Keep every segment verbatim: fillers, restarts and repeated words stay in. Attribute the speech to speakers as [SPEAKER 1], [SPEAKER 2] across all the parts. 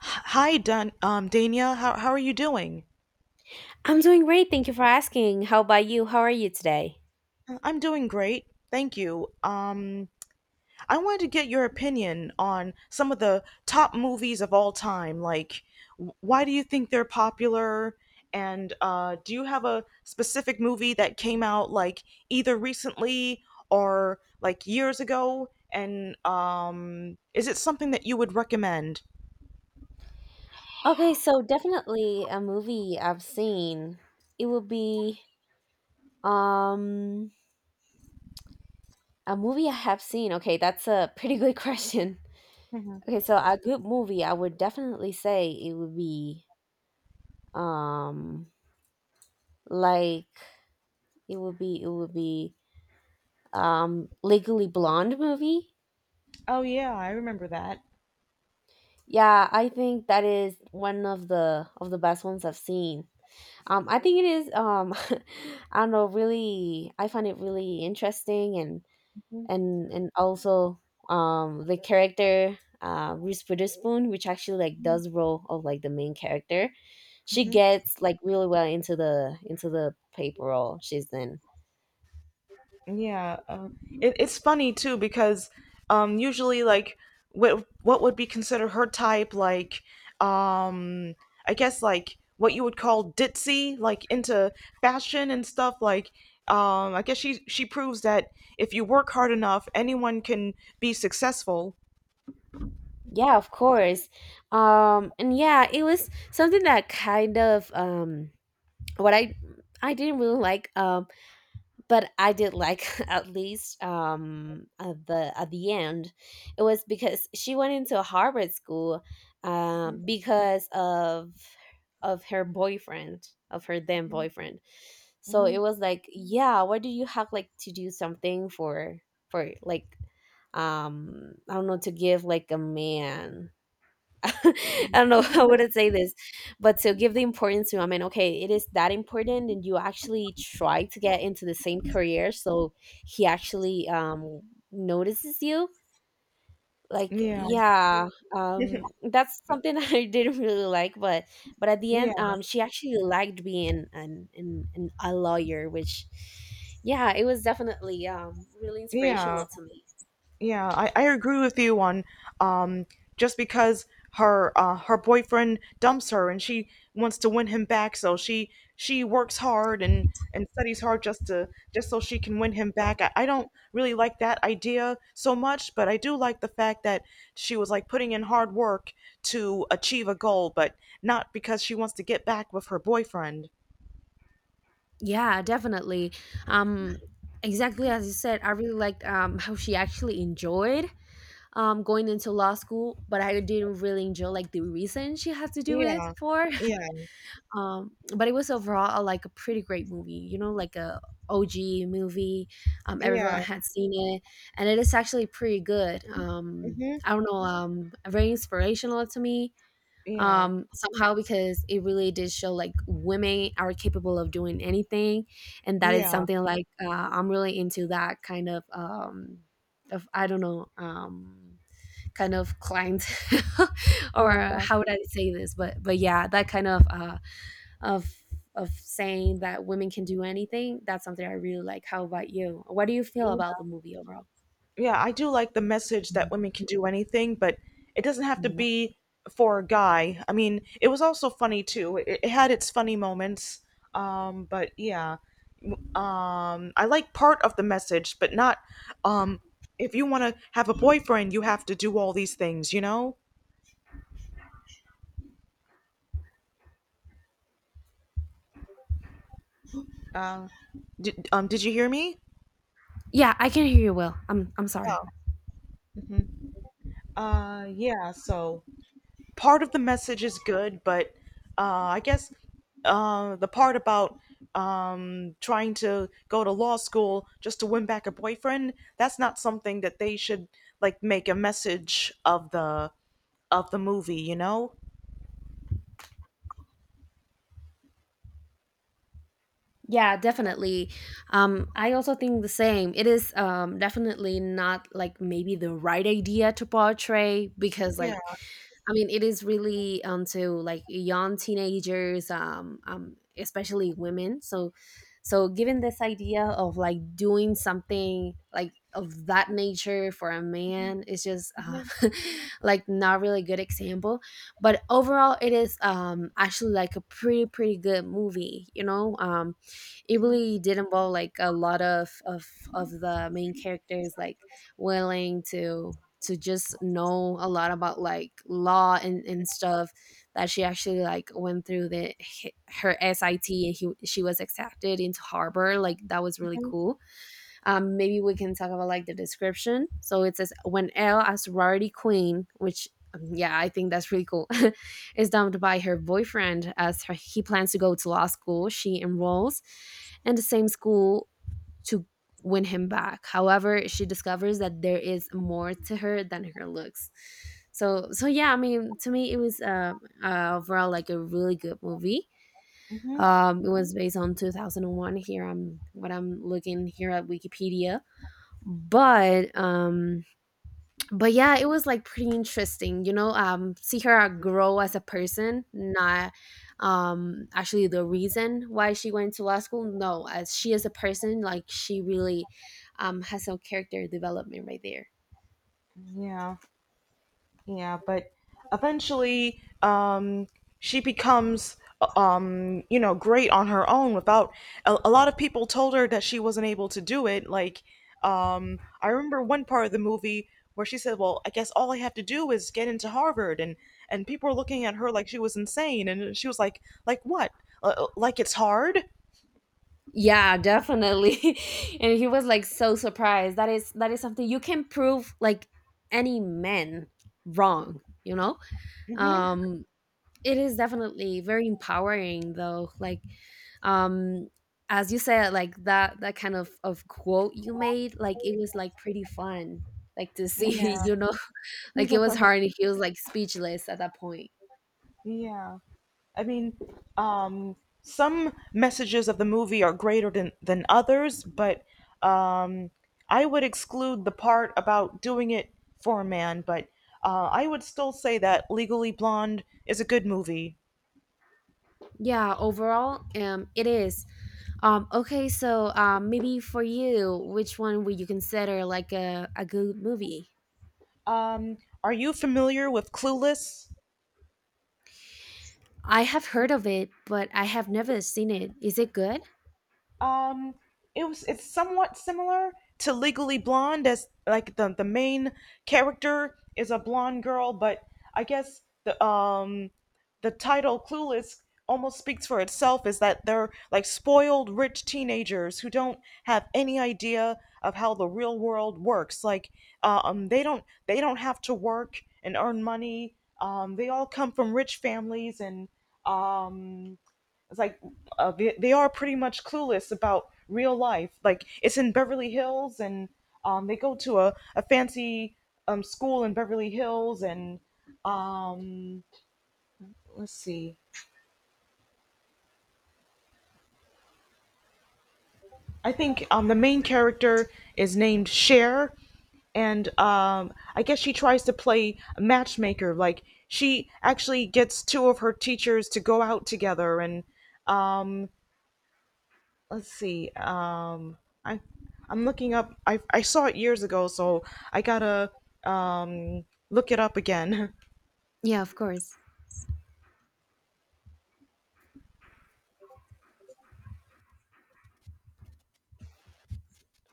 [SPEAKER 1] Hi, Dan, um, Dania. How how are you doing?
[SPEAKER 2] I'm doing great. Thank you for asking. How about you? How are you today?
[SPEAKER 1] I'm doing great, thank you. Um, I wanted to get your opinion on some of the top movies of all time. Like, wh- why do you think they're popular? And uh, do you have a specific movie that came out like either recently or like years ago? And um, is it something that you would recommend?
[SPEAKER 2] Okay, so definitely a movie I've seen. It would be um a movie I have seen. Okay, that's a pretty good question.
[SPEAKER 1] Hmm.
[SPEAKER 2] Okay, so a good movie I would definitely say it would be um like it would be it would be um Legally Blonde movie.
[SPEAKER 1] Oh yeah, I remember that.
[SPEAKER 2] Yeah, I think that is one of the of the best ones I've seen. Um, I think it is. Um, I don't know. Really, I find it really interesting, and and and also um the character uh Reese Witherspoon, which actually like does role of like the main character, she
[SPEAKER 1] Mhm.
[SPEAKER 2] gets like really well into the into the paper role she's in.
[SPEAKER 1] Yeah, uh, it, it's funny too because um, usually like what what would be considered her type, like um, I guess like what you would call ditzy, like into fashion and stuff. Like um, I guess she she proves that if you work hard enough, anyone can be successful.
[SPEAKER 2] Yeah, of course. Um, and yeah, it was something that kind of um what I I didn't really like um but I did like at least um at the at the end it was because she went into a Harvard school
[SPEAKER 1] Mhm,
[SPEAKER 2] um because of of her boyfriend of her then
[SPEAKER 1] mhm,
[SPEAKER 2] boyfriend, so it
[SPEAKER 1] mhm.
[SPEAKER 2] was like, yeah, why do you have like to do something for for like, um I don't know, to give like a man, I don't know how would I say this, but to give the importance to, I mean, okay, it is that important, and you actually try to get into the same career, so he actually um notices you. Like,
[SPEAKER 1] Yeah,
[SPEAKER 2] yeah, um, that's something I didn't really like, but but at the
[SPEAKER 1] yeah,
[SPEAKER 2] end, um, she actually liked being an an, an a lawyer, which, yeah, it was definitely um really
[SPEAKER 1] yeah.
[SPEAKER 2] inspirational to me.
[SPEAKER 1] Yeah, I, I agree with you on, um just because her uh her boyfriend dumps her and she wants to win him back, so she she works hard and and studies hard just to just so she can win him back. I, I don't really like that idea so much, but I do like the fact that she was like putting in hard work to achieve a goal, but not because she wants to get back with her boyfriend.
[SPEAKER 2] Yeah, definitely. Um, exactly as you said, I really liked, um, how she actually enjoyed, um, going into law school, but I didn't really enjoy like the reason she had to do it
[SPEAKER 1] Yeah.
[SPEAKER 2] for.
[SPEAKER 1] Yeah.
[SPEAKER 2] Um, but it was overall a, like a pretty great movie, you know, like a O G movie. Um, everyone
[SPEAKER 1] Yeah.
[SPEAKER 2] had seen it, and it is actually pretty good. Um,
[SPEAKER 1] Mhm.
[SPEAKER 2] I don't know, um, very inspirational to me
[SPEAKER 1] Yeah.
[SPEAKER 2] um somehow because it really did show like women are capable of doing anything, and that is
[SPEAKER 1] Yeah.
[SPEAKER 2] something like, uh, I'm really into that kind of um of, I don't know, um kind of client, or
[SPEAKER 1] Yeah.
[SPEAKER 2] how would I say this, but but yeah, that kind of uh of of saying that women can do anything. That's something I really like. How about you? What do you feel
[SPEAKER 1] Yeah.
[SPEAKER 2] about the movie overall?
[SPEAKER 1] Yeah, I do like the message that
[SPEAKER 2] Mm,
[SPEAKER 1] women can do anything, but it doesn't have to
[SPEAKER 2] no,
[SPEAKER 1] be for a guy. I mean, it was also funny too. It, it had its funny moments. Um, but yeah, um, I like part of the message, but not um, if you want to have a boyfriend, you have to do all these things, you know? Uh, did, um, did you hear me?
[SPEAKER 2] yeah, I can hear you well. I'm i'm sorry.
[SPEAKER 1] Hmm. Uh, yeah, so part of the message is good, but uh, I guess uh, the part about um, trying to go to law school just to win back a boyfriend, that's not something that they should like make a message of the of the movie, you know?
[SPEAKER 2] Yeah, definitely. Um, I also think the same. It is, um, definitely not like maybe the right idea to portray because,
[SPEAKER 1] Yeah.
[SPEAKER 2] like, I mean, it is really onto like young teenagers, um, um, especially women. So, so given this idea of like doing something like of that nature for a man is just uh, like not really good example. But overall, it is, um, actually like a pretty pretty good movie, you know. Um, it really did involve like a lot of of of the main characters like willing to to just know a lot about like law and, and stuff, that she actually like went through the her S I T, and he, she was accepted into Harvard. Like, that was really cool. Um maybe we can talk about like the description. So it says, when Elle, a sorority queen, which, um, yeah I think that's really cool, is dumped by her boyfriend as her, he plans to go to law school, she enrolls in the same school to win him back. However, she discovers that there is more to her than her looks. So so yeah, I mean, to me, it was uh, uh, overall like a really good movie.
[SPEAKER 1] Hmm.
[SPEAKER 2] Um, it was based on two thousand one. Here, I'm what I'm looking here at Wikipedia, but um, but yeah, it was like pretty interesting, you know, um see her, uh, grow as a person, not um actually the reason why she went to law school, no, as she as a person, like she really um has some character development right there.
[SPEAKER 1] Yeah. Yeah, but eventually, um, she becomes, um, you know, great on her own without a, a lot of people told her that she wasn't able to do it. Like, um, I remember one part of the movie where she said, "Well, I guess all I have to do is get into Harvard," and and people were looking at her like she was insane, and she was like, "Like what? Uh, uh, like it's hard?"
[SPEAKER 2] Yeah, definitely. And he was like so surprised. That is that is something you can prove like any man wrong, you know.
[SPEAKER 1] Hmm.
[SPEAKER 2] um It is definitely very empowering though. Like, um as you said, like that that kind of of quote you made, like it was like pretty fun. Like to see,
[SPEAKER 1] Yeah,
[SPEAKER 2] you know, like it was hard and he was like speechless at that point.
[SPEAKER 1] yeah. I mean, um, some messages of the movie are greater than, than others, but um, I would exclude the part about doing it for a man, but uh, I would still say that Legally Blonde is a good movie.
[SPEAKER 2] Yeah, overall, um, it is. Um, okay, so um, maybe for you, which one would you consider like a, a good movie?
[SPEAKER 1] Um, are you familiar with Clueless?
[SPEAKER 2] I have heard of it, but I have never seen it. Is it good?
[SPEAKER 1] um it was it's somewhat similar to Legally Blonde. As like, the the main character is a blonde girl, but I guess the um the title Clueless almost speaks for itself. Is that they're like spoiled rich teenagers who don't have any idea of how the real world works. Like, um they don't they don't have to work and earn money. um they all come from rich families, and um it's like, uh, they, they are pretty much clueless about real life. Like, it's in Beverly Hills, and um, they go to a, a fancy, um, school in Beverly Hills, and um, let's see. I think um, the main character is named Cher, and um, I guess she tries to play a matchmaker. Like, she actually gets two of her teachers to go out together, and um, let's see. Um, I I'm looking up. I I saw it years ago, so I gotta um look it up again.
[SPEAKER 2] Yeah, of course.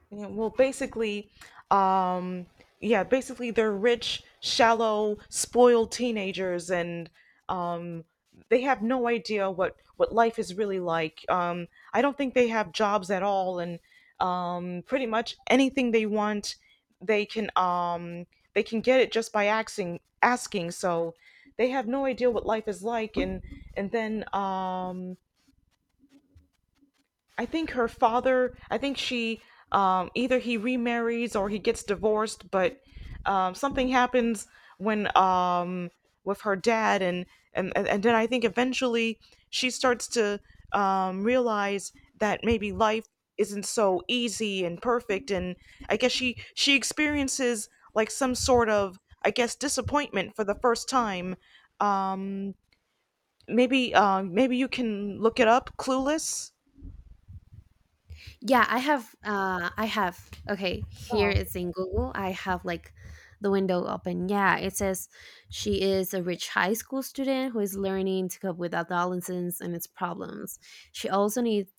[SPEAKER 1] Yeah, well, basically, um, yeah, basically they're rich, shallow, spoiled teenagers, and um, they have no idea what what life is really like. Um, I don't think they have jobs at all, and um, pretty much anything they want, they can um, they can get it just by asking asking. So they have no idea what life is like, and and then um, I think her father, I think she, um, either he remarries or he gets divorced, but um, something happens when, um, with her dad, and, and and then I think eventually she starts to, um, realize that maybe life isn't so easy and perfect, and I guess she she experiences like some sort of, I guess, disappointment for the first time. Um, maybe uh, maybe you can look it up. Clueless.
[SPEAKER 2] Yeah, I have. Uh, I have. Okay, here
[SPEAKER 1] Oh,
[SPEAKER 2] it's in Google. I have like the window open. Yeah, it says she is a rich high school student who is learning to cope with adolescence and its problems. She also needs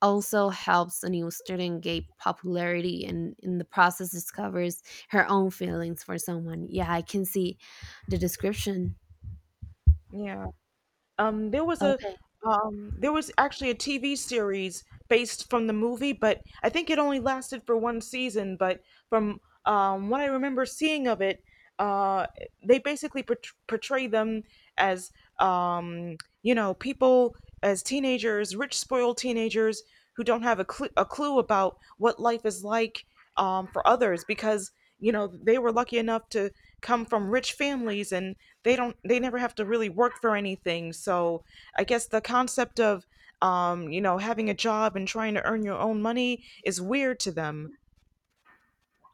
[SPEAKER 2] also helps a new student gain popularity, and in the process discovers her own feelings for someone. Yeah, I can see the description.
[SPEAKER 1] yeah. Um, there was a
[SPEAKER 2] Okay.
[SPEAKER 1] um, there was actually a T V series based from the movie, but I think it only lasted for one season. But from, um, what I remember seeing of it, uh, they basically portray portray them as um, you know people, as teenagers, rich spoiled teenagers who don't have a, cl- a clue about what life is like, um, for others because you know they were lucky enough to come from rich families, and they don't they never have to really work for anything. So I guess the concept of, um, you know having a job and trying to earn your own money is weird to them.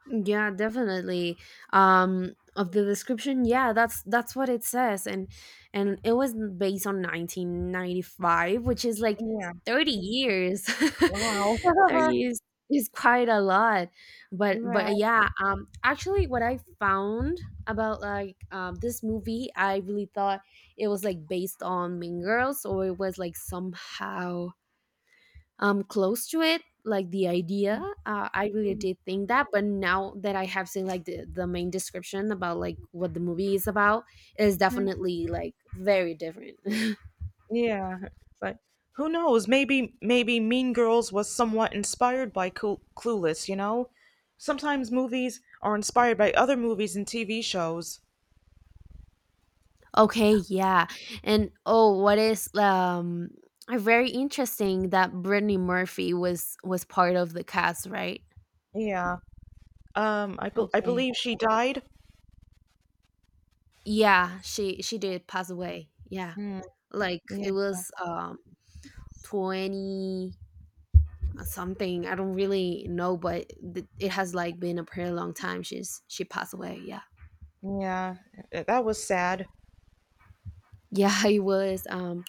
[SPEAKER 2] Yeah, definitely. Um, of the description, yeah, that's that's what it says, and and it was based on nineteen ninety-five, which is like
[SPEAKER 1] Yeah.
[SPEAKER 2] thirty years.
[SPEAKER 1] Wow.
[SPEAKER 2] thirty years is quite a lot, but
[SPEAKER 1] Yeah.
[SPEAKER 2] but yeah. Um, actually, what I found about like um this movie, I really thought it was like based on Mean Girls, or it was like somehow um close to it, like the idea, uh, I really did think that. But now that I have seen like the, the main description about like what the movie is about, it is
[SPEAKER 1] Mhm.
[SPEAKER 2] definitely like very different.
[SPEAKER 1] Yeah, but who knows, maybe maybe Mean Girls was somewhat inspired by Clu- Clueless, you know? Sometimes movies are inspired by other movies and TV shows.
[SPEAKER 2] Okay, yeah. And oh, what is um uh, very interesting, that Brittany Murphy was was part of the cast, right?
[SPEAKER 1] Yeah. Um, I bel I
[SPEAKER 2] Okay,
[SPEAKER 1] believe she died.
[SPEAKER 2] yeah, she she did pass away, yeah.
[SPEAKER 1] Mm,
[SPEAKER 2] Like,
[SPEAKER 1] yeah,
[SPEAKER 2] it was, um twenty something, I don't really know, but th- it has like been a pretty long time she's she passed away, yeah.
[SPEAKER 1] yeah, th- that was sad.
[SPEAKER 2] Yeah, it was, um,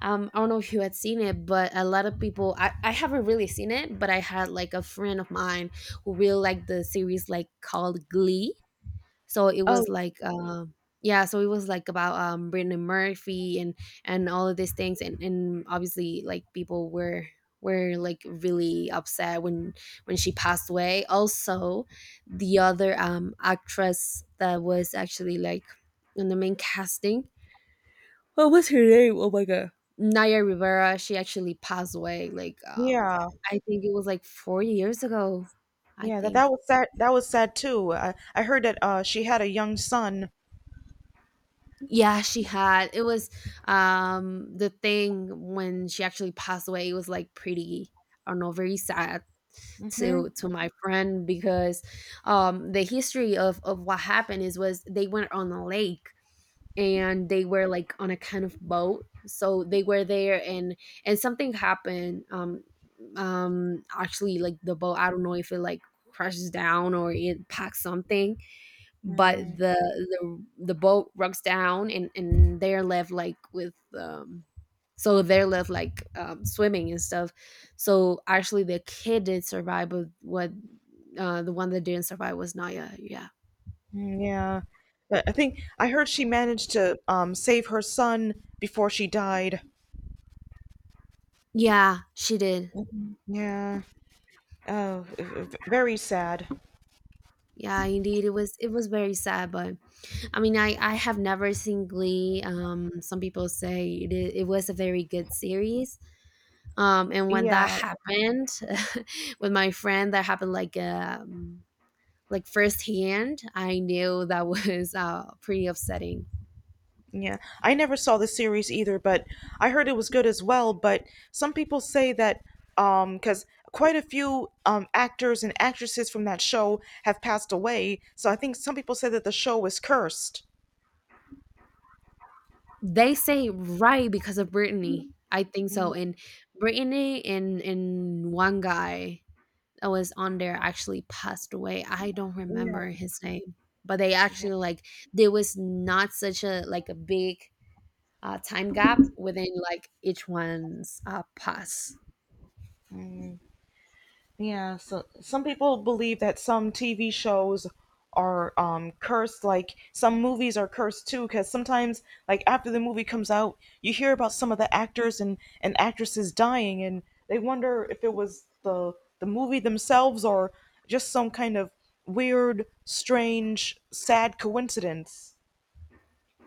[SPEAKER 2] um I don't know if you had seen it, but a lot of people, I I haven't really seen it, but I had like a friend of mine who really liked the series like called Glee. So it
[SPEAKER 1] Oh,
[SPEAKER 2] was like, um, yeah, so it was like about, um, Brittany Murphy and and all of these things, and and obviously like people were were like really upset when when she passed away. Also, the other, um, actress that was actually like in the main casting, well, wh- Naya Rivera, she actually passed away. Like, um,
[SPEAKER 1] yeah,
[SPEAKER 2] I think it was like four years ago. I
[SPEAKER 1] yeah, that that
[SPEAKER 2] think.
[SPEAKER 1] was sad. That was sad too. I I heard that uh she had a young son.
[SPEAKER 2] Yeah, she had. It was, um, the thing, when she actually passed away, it was like pretty, I don't know, very sad
[SPEAKER 1] Mm-hmm.
[SPEAKER 2] to to my friend because um the history of of what happened is was they went on a lake and they were like on a kind of boat, so they were there, and and something happened, um um actually like the boat, I don't know if it like crashes down or it packs something, but
[SPEAKER 1] Mm,
[SPEAKER 2] the the the boat rocks down, and and they're left like with, um so they're left like, um, swimming and stuff, so actually the kid did survive. But what, uh the one that didn't survive was Naya, yeah.
[SPEAKER 1] mm, yeah, but I think I heard she managed to um save her son before she died.
[SPEAKER 2] Yeah, she did.
[SPEAKER 1] Mhm. Yeah. Oh, v- v- very sad.
[SPEAKER 2] Yeah, indeed it was. It was very sad, but I mean, I I have never seen Glee. Um some people say it, i- it was a very good series. Um and when that
[SPEAKER 1] Yeah.
[SPEAKER 2] happened, with my friend, that happened like, um like firsthand, I knew that was, uh, pretty upsetting.
[SPEAKER 1] Yeah, I never saw the series either, but I heard it was good as well. But some people say that, um because quite a few um actors and actresses from that show have passed away, so I think some people say that the show is cursed.
[SPEAKER 2] They say right because of Brittany, I think
[SPEAKER 1] Mm.
[SPEAKER 2] so. And Brittany and and one guy that was on there actually passed away. I don't
[SPEAKER 1] Yeah,
[SPEAKER 2] remember his name, but they
[SPEAKER 1] yeah.
[SPEAKER 2] actually like, there was not such a like a big, uh, time gap within like each one's, uh, pass.
[SPEAKER 1] Yeah, so some people believe that some T V shows are, um cursed, like some movies are cursed too, because sometimes, like after the movie comes out, you hear about some of the actors and and actresses dying, and they wonder if it was the the movie themselves or just some kind of weird, strange, sad coincidence.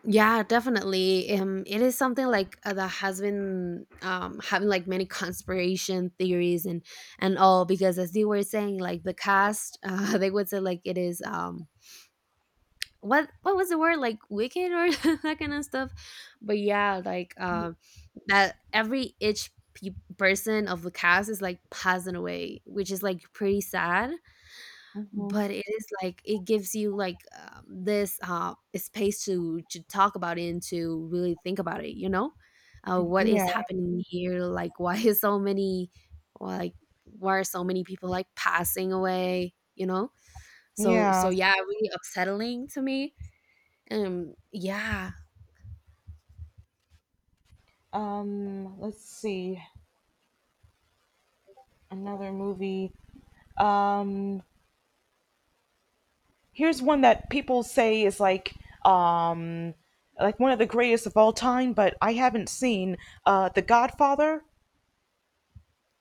[SPEAKER 2] Yeah, definitely. Um, it is something like, uh, that has been, um, having like many conspiration theories and and all because, as you were saying, like the cast, uh, they would say like it is, um what what was the word, like wicked or that kind of stuff. But yeah, like, uh, that every, each pe- person of the cast is like passing away, which is like pretty sad.
[SPEAKER 1] Hmm.
[SPEAKER 2] But it is like it gives you like, um, this, uh, space to to talk about it and to really think about it, you know? Uh, what is
[SPEAKER 1] Yeah,
[SPEAKER 2] happening here? Like, why is so many, like, why are so many people like passing away, you know? So
[SPEAKER 1] yeah.
[SPEAKER 2] so yeah, really upsettling to me. Um, yeah.
[SPEAKER 1] Um, let's see. Another movie. Um, Here's one that people say is like, um like one of the greatest of all time, but I haven't seen, uh The Godfather.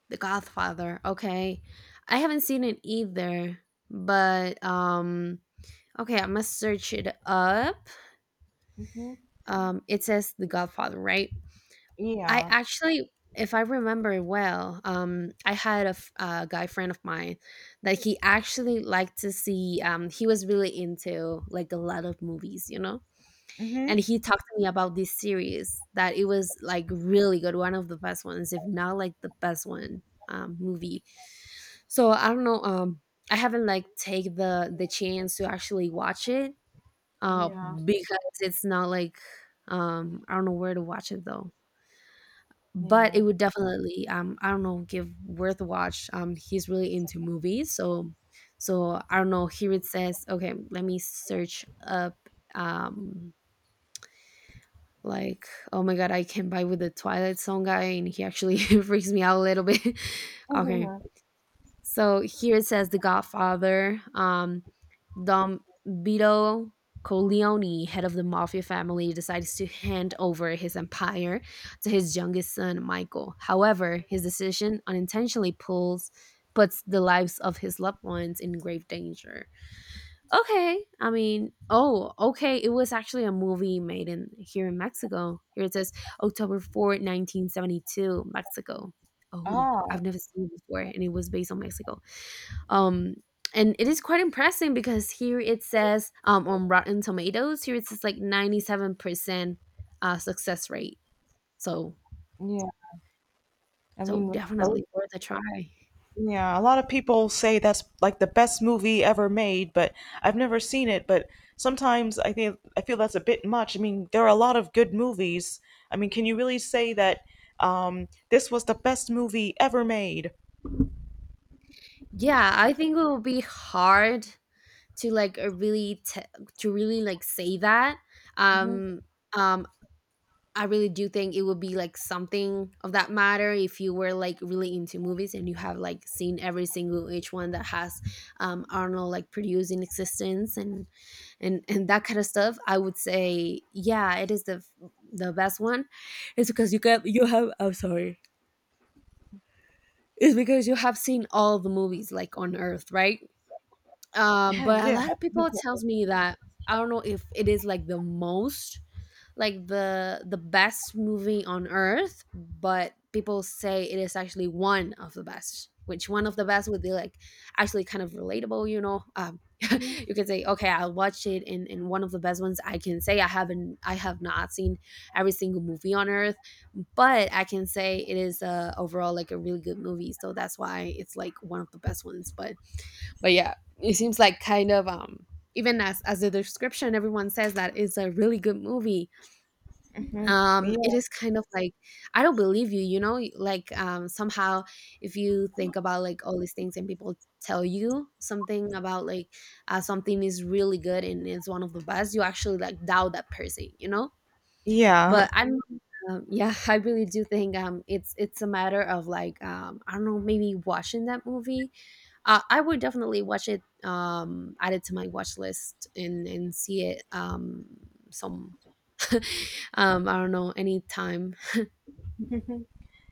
[SPEAKER 2] The Godfather, okay. I haven't seen it either, but, um okay, I must search it up.
[SPEAKER 1] Hmm.
[SPEAKER 2] Um, it says The Godfather, right? I
[SPEAKER 1] Yeah.
[SPEAKER 2] actually, if I remember well, um, I had a f a guy friend of mine that he actually liked to see, um, he was really into, like, a lot of movies, you know?
[SPEAKER 1] Mhm.
[SPEAKER 2] And he talked to me about this series that it was, like, really good, one of the best ones, if not, like, the best one, um, movie. So, I don't know, um, I haven't, like, take the the chance to actually watch it, uh,
[SPEAKER 1] Yeah.
[SPEAKER 2] because it's not like, um, I don't know where to watch it though, but it
[SPEAKER 1] Yeah.
[SPEAKER 2] would definitely, um I don't know, give worth a watch. Um he's really into movies, so so I don't know, here it says, okay, let me search up. um like oh my god, I can buy with the Twilight song guy, and he actually freaks me out a little bit. Okay,
[SPEAKER 1] Mhm.
[SPEAKER 2] so here it says The Godfather. Um, Dom Vito Corleone, head of the mafia family, decides to hand over his empire to his youngest son, Michael. However, his decision unintentionally pulls puts the lives of his loved ones in grave danger. Okay, I mean, oh, okay, it was actually a movie made in here in Mexico. Here it says October fourth, nineteen seventy-two, Mexico. Oh,
[SPEAKER 1] Oh.
[SPEAKER 2] I've never seen it before, and it was based on Mexico. Um, and it is quite impressive because here it says, um, on Rotten Tomatoes, here it says like ninety-seven percent uh, success rate. So,
[SPEAKER 1] Yeah. I
[SPEAKER 2] so
[SPEAKER 1] mean, a-
[SPEAKER 2] definitely worth a try.
[SPEAKER 1] yeah, a lot of people say that's like the best movie ever made, but I've never seen it, but sometimes I think I feel that's a bit much. I mean, there are a lot of good movies. I mean, can you really say that, um this was the best movie ever made?
[SPEAKER 2] Yeah, I think it will be hard to like, uh, really t- to really like say that. Um, um, I really do think it would be like something of that matter if you were like really into movies and you have like seen every single each one that has, um, Arnold like produced in existence, and and and that kind of stuff. I would say yeah, it is the the best one. It's because you can, you have, I'm sorry, it's because you have seen all the movies like on Earth, right? Um but a
[SPEAKER 1] Yeah.
[SPEAKER 2] lot of people tells me that, I don't know if it is like the most, like the the best movie on Earth, but people say it is actually one of the best. Which, one of the best would be like actually kind of relatable, you know? Um you can say, okay, I watched it, and, and one of the best ones I can say. I haven't, I have not seen every single movie on Earth, but I can say it is, uh overall, like a really good movie, so that's why it's like one of the best ones. but but yeah, it seems like kind of, um even as as the description, everyone says that it's a really good movie.
[SPEAKER 1] Hmm.
[SPEAKER 2] Um it
[SPEAKER 1] Yeah.
[SPEAKER 2] is kind of like, I don't believe you, you know, like, um somehow. If you think about like all these things and people tell you something about like, uh, something is really good and it's one of the best, you actually like doubt that person, you know?
[SPEAKER 1] Yeah.
[SPEAKER 2] But I don't know, um, yeah, I really do think um it's it's a matter of like, um I don't know, maybe watching that movie. uh, I would definitely watch it, um, add it to my watch list and and see it um some um I don't know, anytime.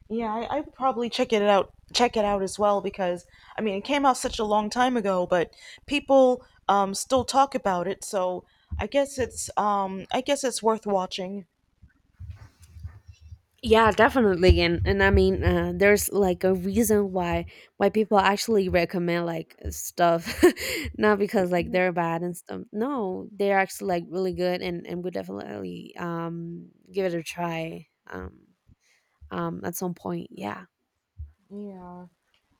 [SPEAKER 1] Yeah, I, I would probably check it out check it out as well because I mean it came out such a long time ago, but people um still talk about it, so I guess it's um I guess it's worth watching.
[SPEAKER 2] Yeah, definitely, and and I mean, uh, there's like a reason why why people actually recommend like stuff, not because like they're bad and stuff. No, they're actually like really good, and and we definitely, um give it a try, um um at some point. Yeah,
[SPEAKER 1] Yeah.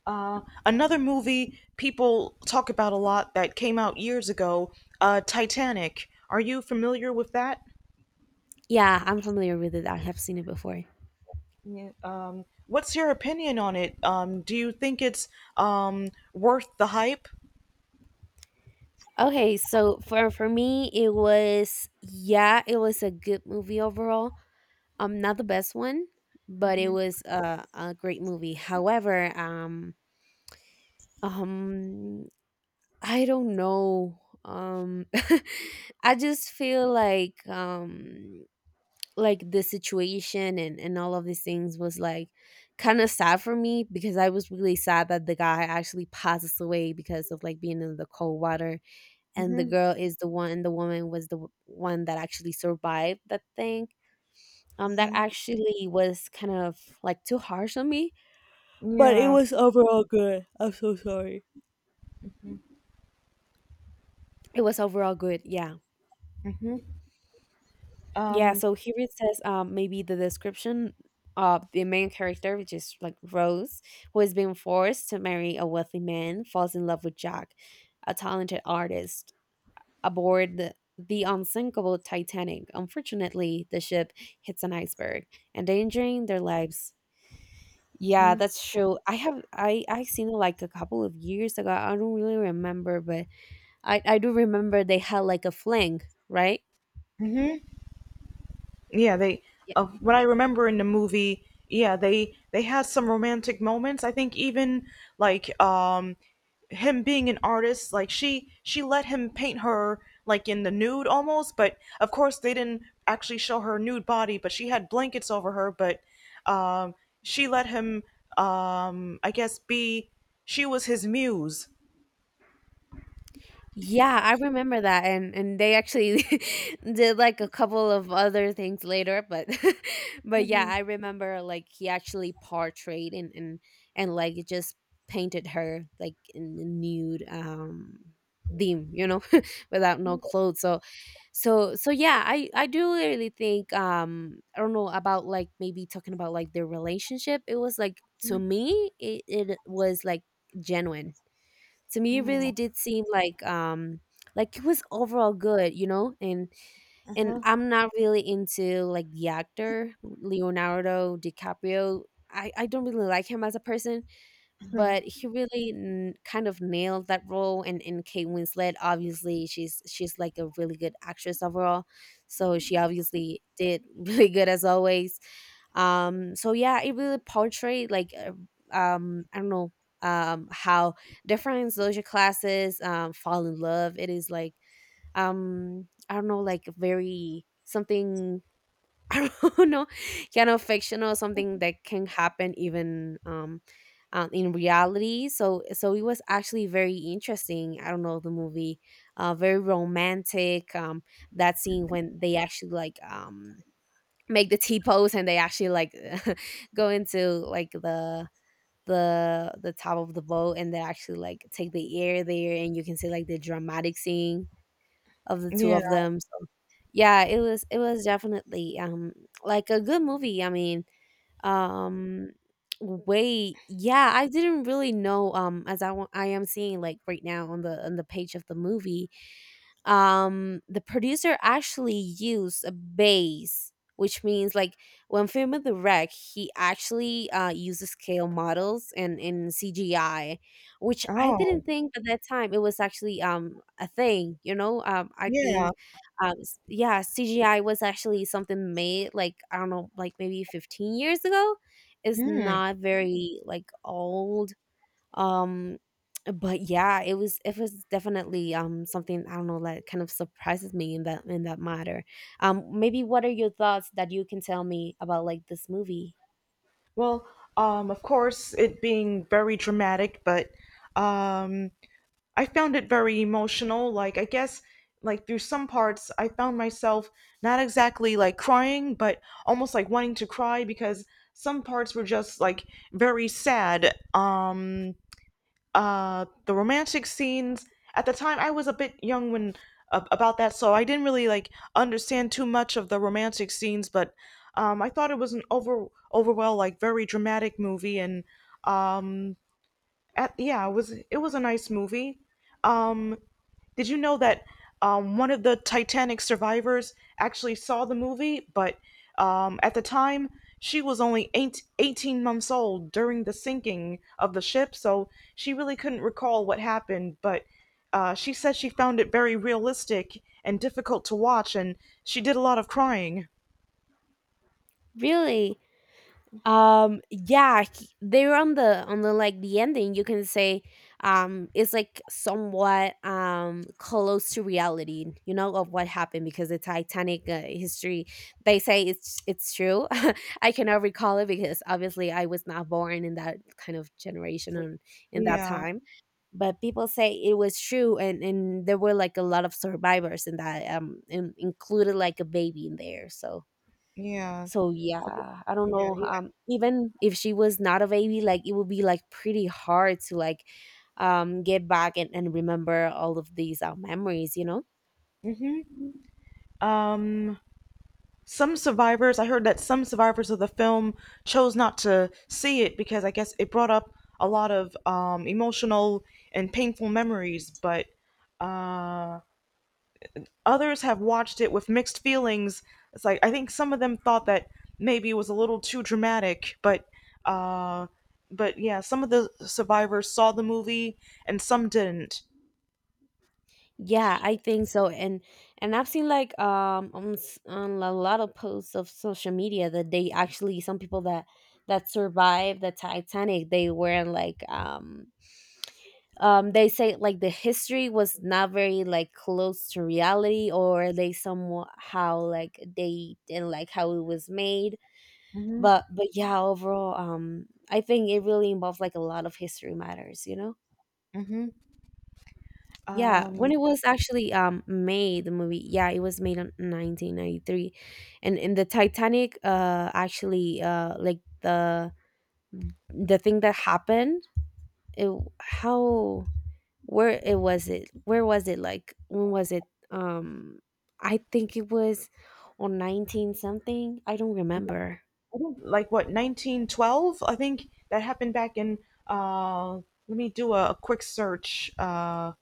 [SPEAKER 1] Uh, another movie people talk about a lot that came out years ago, uh, Titanic. Are you familiar with that?
[SPEAKER 2] yeah, I'm familiar with it. I have seen it before.
[SPEAKER 1] Yeah. Um, what's your opinion on it? Um, do you think it's, um, worth the hype?
[SPEAKER 2] Okay, so for for me, it was, yeah, it was a good movie overall. Um, not the best one, but it was a a great movie. However, um um I don't know, um I just feel like, um like the situation and and all of these things was like kind of sad for me, because I was really sad that the guy actually passes away because of like being in the cold water, and the
[SPEAKER 1] Mhm,
[SPEAKER 2] girl is the one, the woman was the w- one that actually survived that thing. Um that
[SPEAKER 1] mhm.
[SPEAKER 2] actually was kind of like too harsh on me.
[SPEAKER 1] Yeah.
[SPEAKER 2] It was overall good, yeah.
[SPEAKER 1] Mhm.
[SPEAKER 2] Yeah,
[SPEAKER 1] Um,
[SPEAKER 2] so here it says, um, maybe the description of the main character, which is like Rose, who has been forced to marry a wealthy man, falls in love with Jack, a talented artist, aboard the, the unsinkable Titanic. Unfortunately, the ship hits an iceberg, endangering their lives. Yeah, that's true. I have I I seen it like a couple of years ago. I don't really remember, but I I do remember they had like a fling, right?
[SPEAKER 1] yeah, they uh, what I remember in the movie, yeah, they they had some romantic moments. I think even like, um him being an artist, like she she let him paint her like in the nude almost, but of course they didn't actually show her nude body, but she had blankets over her, but um she let him, um I guess be she was his muse.
[SPEAKER 2] Yeah, I remember that, and and they actually did like a couple of other things later, but but yeah, I remember like he actually portrayed and and and like just painted her like in a nude um theme, you know, without no clothes. So so so yeah, I I do really think, um I don't know about like maybe talking about like their relationship. It was like, to me it, it was like genuine. To me, it really did seem like, um like it was overall good, you know? and
[SPEAKER 1] Uh
[SPEAKER 2] and
[SPEAKER 1] huh.
[SPEAKER 2] I'm not really into like the actor Leonardo DiCaprio. I i don't really like him as a person, but he really n- kind of nailed that role. and and Kate Winslet, obviously, she's she's like a really good actress overall, so she obviously did really good as always. Um so yeah, it really portrayed like, uh, um I don't know, um how different social classes, um fall in love. It is like, um I don't know, like very something. I don't know, kind of fictional, something that can happen even, um, um, in reality. So, so it was actually very interesting. I don't know, the movie, uh, very romantic. Um, that scene when they actually like, um make the T pose and they actually like go into like the the the top of the boat and they actually like take the air there, and you can see like the dramatic scene of the two
[SPEAKER 1] Yeah.
[SPEAKER 2] of them. So, yeah, it was it was definitely, um, like a good movie. I mean, um, wait, yeah, I didn't really know, um, as I wa- I am seeing like right now on the on the page of the movie, um the producer actually used a bass, which means like when filming the wreck, he actually, uh uses scale models and in CGI, which I
[SPEAKER 1] Oh.
[SPEAKER 2] didn't think at that time it was actually, um a thing, you know? um I
[SPEAKER 1] Yeah.
[SPEAKER 2] think, um s- yeah, CGI was actually something made like, I don't know, like maybe fifteen years ago. It's
[SPEAKER 1] Mm.
[SPEAKER 2] not very like old. um, but yeah, it was it was definitely, um something, I don't know, that kind of surprises me in that, in that matter. Um, maybe what are your thoughts that you can tell me about like this movie?
[SPEAKER 1] Well, um, of course, it being very dramatic, but um, I found it very emotional. Like, I guess, like, through some parts, I found myself not exactly like crying, but almost like wanting to cry because some parts were just like very sad. Um, uh the romantic scenes, at the time I was a bit young when, ab about that, so I didn't really like understand too much of the romantic scenes. But um I thought it was an over overall like very dramatic movie. And um at yeah, it was it was a nice movie. um did you know that, um, one of the Titanic survivors actually saw the movie, but um, at the time she was only eight eighteen months old during the sinking of the ship, so she really couldn't recall what happened. But uh, she said she found it very realistic and difficult to watch, and she did a lot of crying.
[SPEAKER 2] Really? Um yeah, he- they're on the, on the like the ending, you can say, um it's like somewhat, um close to reality, you know, of what happened, because the Titanic, uh, history, they say it's it's true. I cannot recall it because obviously I was not born in that kind of generation and in that
[SPEAKER 1] Yeah,
[SPEAKER 2] time. But people say it was true, and and there were like a lot of survivors in that, um and included like a baby in there. So
[SPEAKER 1] yeah,
[SPEAKER 2] so
[SPEAKER 1] I think-
[SPEAKER 2] yeah, I don't
[SPEAKER 1] yeah,
[SPEAKER 2] know.
[SPEAKER 1] yeah.
[SPEAKER 2] Um, even if she was not a baby, like it would be like pretty hard to like, um get back and, and remember all of these, uh, memories, you know?
[SPEAKER 1] Um, Some survivors, I heard that some survivors of the film chose not to see it because I guess it brought up a lot of um, emotional and painful memories, but uh, others have watched it with mixed feelings. It's like, I think some of them thought that maybe it was a little too dramatic, but. Uh, but yeah, some of the survivors saw the movie and some didn't.
[SPEAKER 2] Yeah, I think so. And and I've seen like um on, s- on a lot of posts of social media that they actually some people that that survived the Titanic. They were in like um um they say like the history was not very like close to reality, or they somehow like they didn't like how it was made.
[SPEAKER 1] Hmm.
[SPEAKER 2] But but yeah, overall, um I think it really involves like a lot of history matters you know
[SPEAKER 1] Hmm.
[SPEAKER 2] Yeah,
[SPEAKER 1] Um,
[SPEAKER 2] when it was actually um made the movie, yeah, it was made in nineteen ninety-three. And in the Titanic, uh actually, uh like the the thing that happened, it, how, where it was, it, where was it, like when was it, um I think it was on nineteen something. I don't remember.
[SPEAKER 1] I think like what nineteen twelve. I think that happened back in. Uh, Let me do a, a quick search. Uh,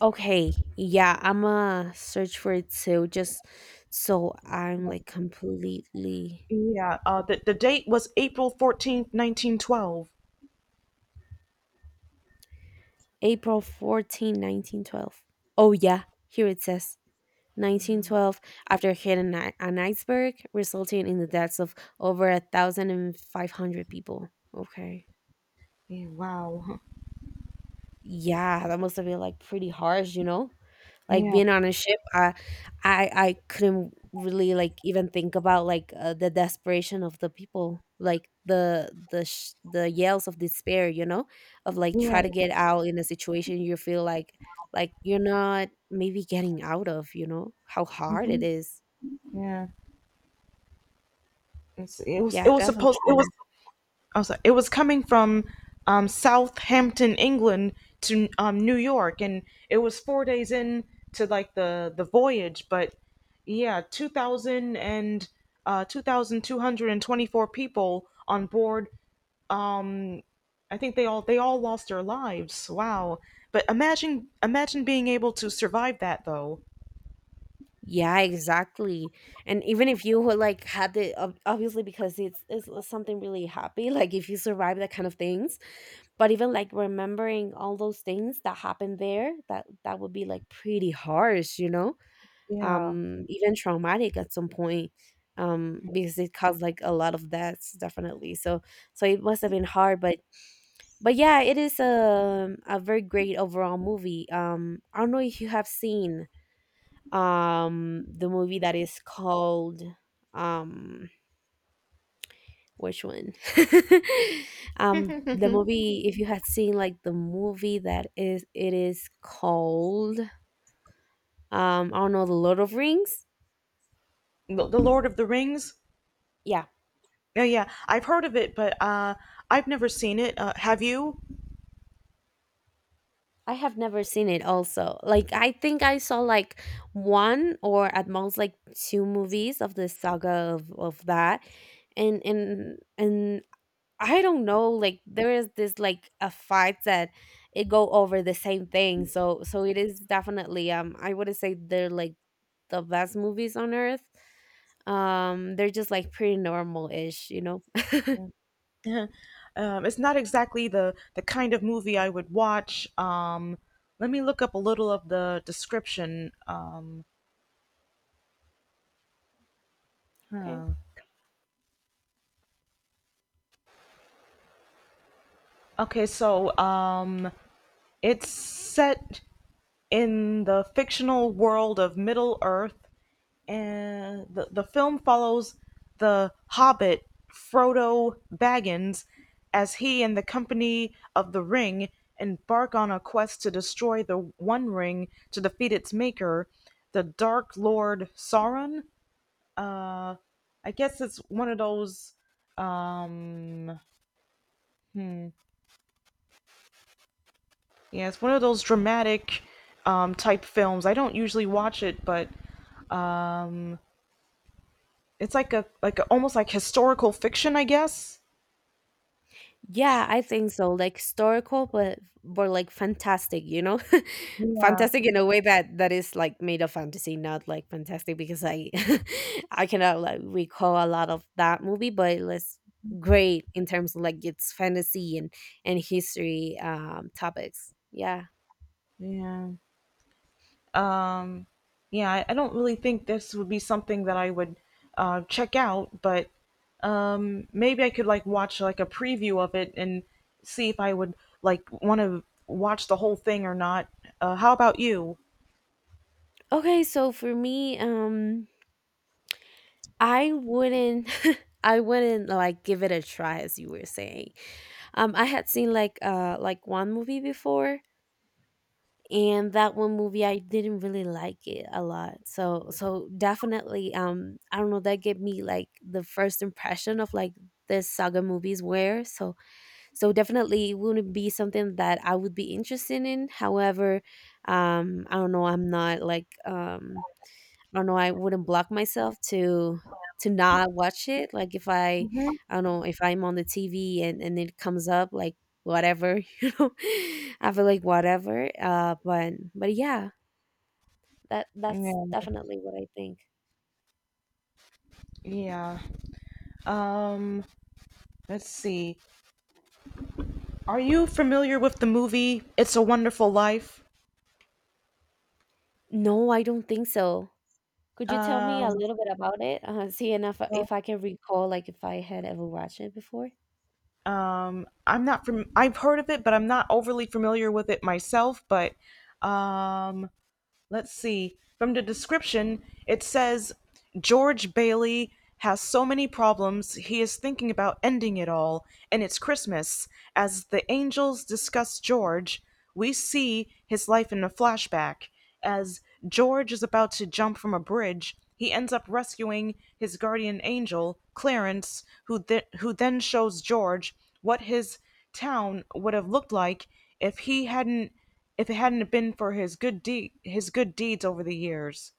[SPEAKER 2] Okay, yeah, I'm a search for it too, just so I'm like completely.
[SPEAKER 1] Yeah, uh, the the date was April fourteenth, nineteen twelve.
[SPEAKER 2] April fourteenth nineteen twelve. Oh yeah, here it says nineteen twelve, after hitting an, an iceberg, resulting in the deaths of over a thousand and five hundred people. Okay.
[SPEAKER 1] Yeah, wow.
[SPEAKER 2] Yeah, that must have been like pretty harsh you know like
[SPEAKER 1] Yeah,
[SPEAKER 2] being on a ship. I i i couldn't really like even think about like uh, the desperation of the people, like the the sh- the yells of despair you know of like
[SPEAKER 1] yeah,
[SPEAKER 2] try to get out in a situation you feel like, like you're not maybe getting out of, you know how hard
[SPEAKER 1] hmm,
[SPEAKER 2] it is.
[SPEAKER 1] yeah. It's, it was it
[SPEAKER 2] Yeah,
[SPEAKER 1] was supposed it was
[SPEAKER 2] definitely.
[SPEAKER 1] Oh, sorry, it was coming from um, Southampton, England, to um, New York, and it was four days in to like the the voyage. But yeah, two thousand and uh, two thousand two hundred and twenty four people on board. Um, I think they all they all lost their lives. Wow! But imagine imagine being able to survive that though.
[SPEAKER 2] Yeah, exactly. And even if you were like had the ob- obviously, because it's it's something really happy, like if you survive that kind of things, but even like remembering all those things that happened there, that that would be like pretty harsh, you know?
[SPEAKER 1] Yeah,
[SPEAKER 2] Um even traumatic at some point. Um because it caused like a lot of deaths, definitely. So so it must have been hard, but but yeah, it is a a very great overall movie. Um I don't know if you have seen um the movie that is called, um which one? Um the movie, if you had seen like the movie that is it is called, um I don't know, the Lord of Rings.
[SPEAKER 1] the, the Lord of the Rings.
[SPEAKER 2] Yeah,
[SPEAKER 1] Yeah, yeah, I've heard of it, but uh, I've never seen it. Uh, have you?
[SPEAKER 2] I have never seen it, also. Like I think I saw like one or at most like two movies of the saga of, of that. And and and I don't know, like there is this like a fight that it go over the same thing. So so it is definitely, um I wouldn't say they're like the best movies on earth. Um they're just like pretty normal ish, you know.
[SPEAKER 1] Um, it's not exactly the the kind of movie I would watch. Um, let me look up a little of the description. Um,
[SPEAKER 2] Okay.
[SPEAKER 1] okay, so um, it's set in the fictional world of Middle Earth, and the, the film follows the hobbit Frodo Baggins as he and the company of the ring embark on a quest to destroy the One Ring to defeat its maker, the Dark Lord Sauron. Uh, I guess it's one of those, um yeah, it's one of those dramatic, um type films. I don't usually watch it, but it's like a like a, almost like historical fiction, I guess.
[SPEAKER 2] Yeah, I think so. Like historical, but but like fantastic, you know,
[SPEAKER 1] Yeah.
[SPEAKER 2] fantastic in a way that that is like made of fantasy, not like fantastic because I I cannot like recall a lot of that movie, but it was great in terms of like its fantasy and and history um topics. Yeah.
[SPEAKER 1] Yeah. um, yeah, I, I don't really think this would be something that I would uh, check out, but um, maybe I could like watch like a preview of it and see if I would like want to watch the whole thing or not. Uh, how about you?
[SPEAKER 2] Okay, so for me, um, I wouldn't. I wouldn't like give it a try, as you were saying. Um I had seen like uh like one movie before, and that one movie I didn't really like it a lot. So so definitely, um I don't know, that gave me like the first impression of like the saga movies were. So so definitely it wouldn't be something that I would be interested in. However, um I don't know, I'm not like um I don't know, I wouldn't block myself to to not watch it. Like if I,
[SPEAKER 1] Mhm.
[SPEAKER 2] I don't know, if I'm on the T V and and it comes up like whatever, you know. I feel like whatever. Uh but but yeah, that that's
[SPEAKER 1] Yeah.
[SPEAKER 2] definitely what I think.
[SPEAKER 1] Yeah. Um, let's see. Are you familiar with the movie It's a Wonderful Life?
[SPEAKER 2] No, I don't think so. Could you tell me
[SPEAKER 1] Um,
[SPEAKER 2] a little bit about it? Uh, see, and if,
[SPEAKER 1] well,
[SPEAKER 2] if I can recall, like if I had ever watched it before.
[SPEAKER 1] um, I'm not from, I've heard of it, but I'm not overly familiar with it myself, but, um, let's see. From the description, it says George Bailey has so many problems, he is thinking about ending it all, and it's Christmas. As the angels discuss George, we see his life in a flashback. As George is about to jump from a bridge, he ends up rescuing his guardian angel, Clarence, who, th- who then shows George what his town would have looked like if he hadn't if it hadn't been for his good deed his good deeds over the years.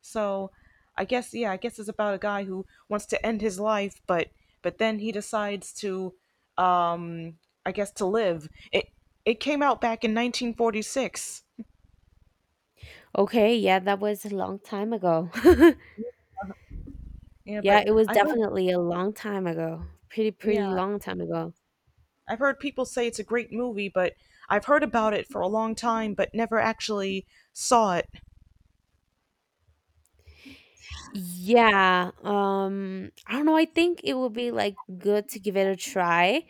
[SPEAKER 1] So, I guess yeah, I guess it's about a guy who wants to end his life, but but then he decides to, um I guess, to live. It it came out back in nineteen forty-six.
[SPEAKER 2] Okay, yeah, that was a long time ago.
[SPEAKER 1] Yeah,
[SPEAKER 2] Yeah,
[SPEAKER 1] but
[SPEAKER 2] it was
[SPEAKER 1] I've heard
[SPEAKER 2] definitely a long time ago. Pretty, pretty
[SPEAKER 1] yeah,
[SPEAKER 2] long time ago.
[SPEAKER 1] I've heard people say it's a great movie, but I've heard about it for a long time but never actually saw it.
[SPEAKER 2] Yeah, um, I don't know, I think it would be, like, good to give it a try,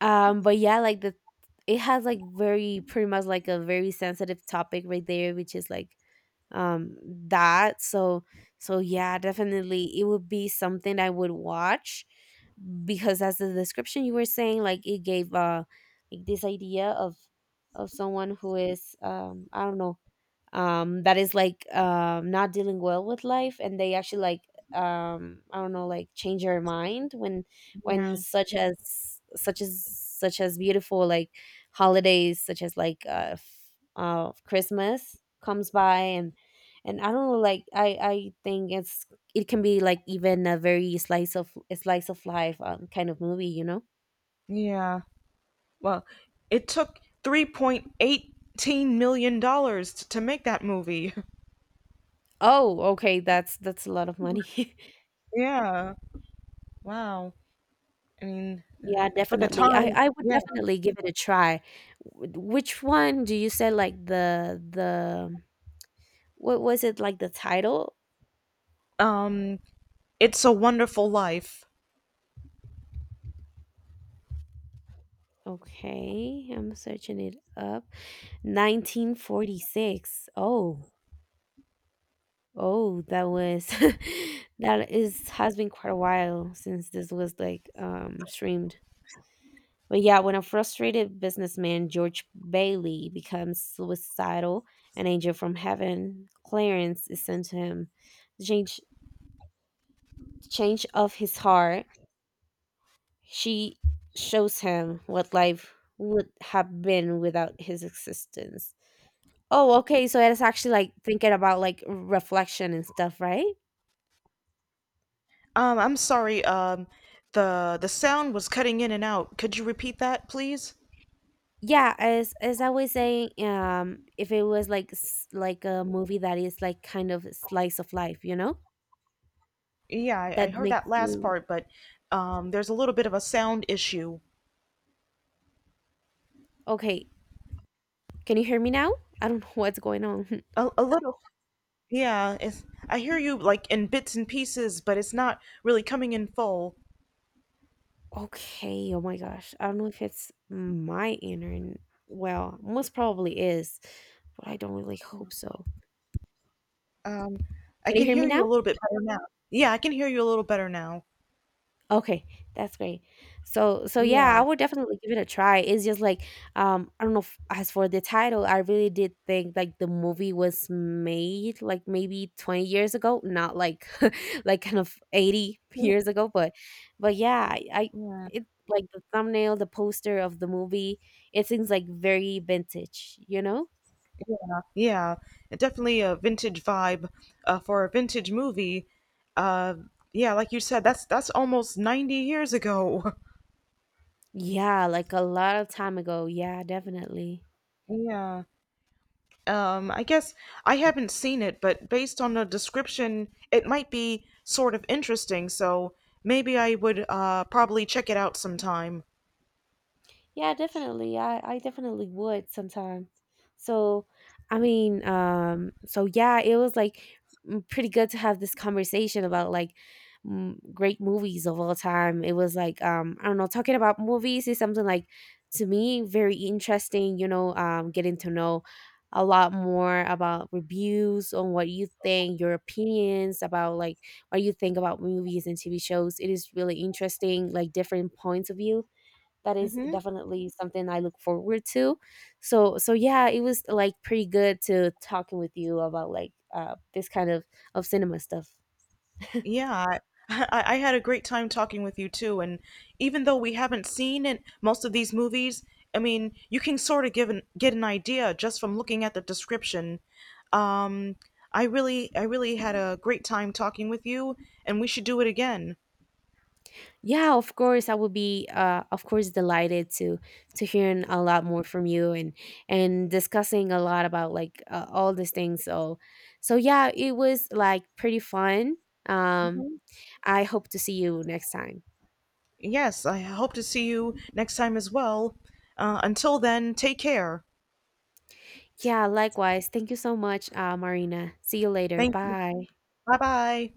[SPEAKER 2] um, but yeah, like, the it has, like, very pretty much, like, a very sensitive topic right there, which is, like, um, that, so so yeah, definitely, it would be something I would watch, because as the description you were saying, like, it gave, uh, like, this idea of of someone who is, um, I don't know, um that is like, um not dealing well with life, and they actually like, um I don't know, like change their mind when when
[SPEAKER 1] Yeah.
[SPEAKER 2] such as such as such as beautiful like holidays, such as like, uh, f- uh Christmas, comes by, and and I don't know, like I I think it's, it can be like even a very slice of slice of life, um, kind of movie, you know.
[SPEAKER 1] Yeah. Well, it took $3.18 million dollars to make that movie.
[SPEAKER 2] Oh okay, that's that's a lot of money.
[SPEAKER 1] Yeah. Wow. I mean,
[SPEAKER 2] Yeah,
[SPEAKER 1] uh, for the
[SPEAKER 2] definitely. I
[SPEAKER 1] time,
[SPEAKER 2] I would
[SPEAKER 1] yeah.
[SPEAKER 2] definitely give it a try. Wh- Which one do you say, like the the what was it like, the title?
[SPEAKER 1] Um, It's a Wonderful Life.
[SPEAKER 2] Okay, I'm searching it up. nineteen forty-six. Oh. Oh, that was that is has been quite a while since this was like um streamed. But yeah, when a frustrated businessman George Bailey becomes suicidal, an angel from heaven, Clarence, is sent to him to change change of his heart. She shows him what life would have been without his existence. Oh, okay. So it's actually like thinking about like reflection and stuff, right?
[SPEAKER 1] Um, I'm sorry. Um, the the sound was cutting in and out. Could you repeat that, please?
[SPEAKER 2] Yeah, as as I was saying, um, if it was like s- like a movie that is like kind of slice of life, you know,
[SPEAKER 1] Yeah, I, I
[SPEAKER 2] that
[SPEAKER 1] heard
[SPEAKER 2] makes
[SPEAKER 1] that last
[SPEAKER 2] you
[SPEAKER 1] part, but um, there's a little bit of a sound issue.
[SPEAKER 2] okay. Can you hear me now? I don't know what's going on.
[SPEAKER 1] A, a little, yeah. It's, I hear you like in bits and pieces, but it's not really coming in full.
[SPEAKER 2] Okay, oh my gosh. I don't know if it's my internet. Well, most probably is, but I don't really hope so.
[SPEAKER 1] Um, I
[SPEAKER 2] Can you
[SPEAKER 1] can
[SPEAKER 2] hear
[SPEAKER 1] hear
[SPEAKER 2] me
[SPEAKER 1] you
[SPEAKER 2] now?
[SPEAKER 1] a little bit better now. Yeah, I can hear you a little better now.
[SPEAKER 2] Okay, that's great. So so yeah, I
[SPEAKER 1] Yeah,
[SPEAKER 2] would definitely give it a try. It's just like, um I don't know if, as for the title, I really did think like the movie was made like maybe twenty years ago, not like like kind of eighty years ago, but but yeah, I, I
[SPEAKER 1] yeah,
[SPEAKER 2] it like the thumbnail, the poster of the movie, it seems like very vintage, you know?
[SPEAKER 1] yeah. Definitely a vintage vibe uh, for a vintage movie. Uh, yeah, like you said, that's that's almost ninety years ago.
[SPEAKER 2] Yeah, like a lot of time ago. Yeah, definitely.
[SPEAKER 1] Yeah. Um, I guess I haven't seen it, but based on the description, it might be sort of interesting, so maybe I would uh, probably check it out sometime.
[SPEAKER 2] Yeah, definitely. I, I definitely would sometime. So, I mean, um, so yeah, it was like mm, pretty good to have this conversation about like mm, great movies of all time. It was like, um, I don't know, talking about movies is something like, to me, very interesting, you know, um, getting to know a lot more about reviews on what you think, your opinions about like what you think about movies and T V shows. It is really interesting, like different points of view, that is
[SPEAKER 1] Hmm.
[SPEAKER 2] definitely something I look forward to. So so yeah, it was like pretty good to talking with you about like uh this kind of of cinema stuff.
[SPEAKER 1] Yeah, I, I I had a great time talking with you too. And even though we haven't seen it, most of these movies, I mean, you can sort of give an, get an idea just from looking at the description. Um, I really, I really had a great time talking with you, and we should do it again.
[SPEAKER 2] Yeah, of course, I will be, uh, of course, delighted to to hearing a lot more from you, and and discussing a lot about like, uh, all these things. So, so yeah, it was like pretty fun. Um,
[SPEAKER 1] Hmm.
[SPEAKER 2] I hope to see you next time.
[SPEAKER 1] Yes, I hope to see you next time as well. Uh, until then, take care.
[SPEAKER 2] Yeah, likewise. Thank you so much, uh, Marina. See you later.
[SPEAKER 1] Thank you.
[SPEAKER 2] Bye.
[SPEAKER 1] Bye bye.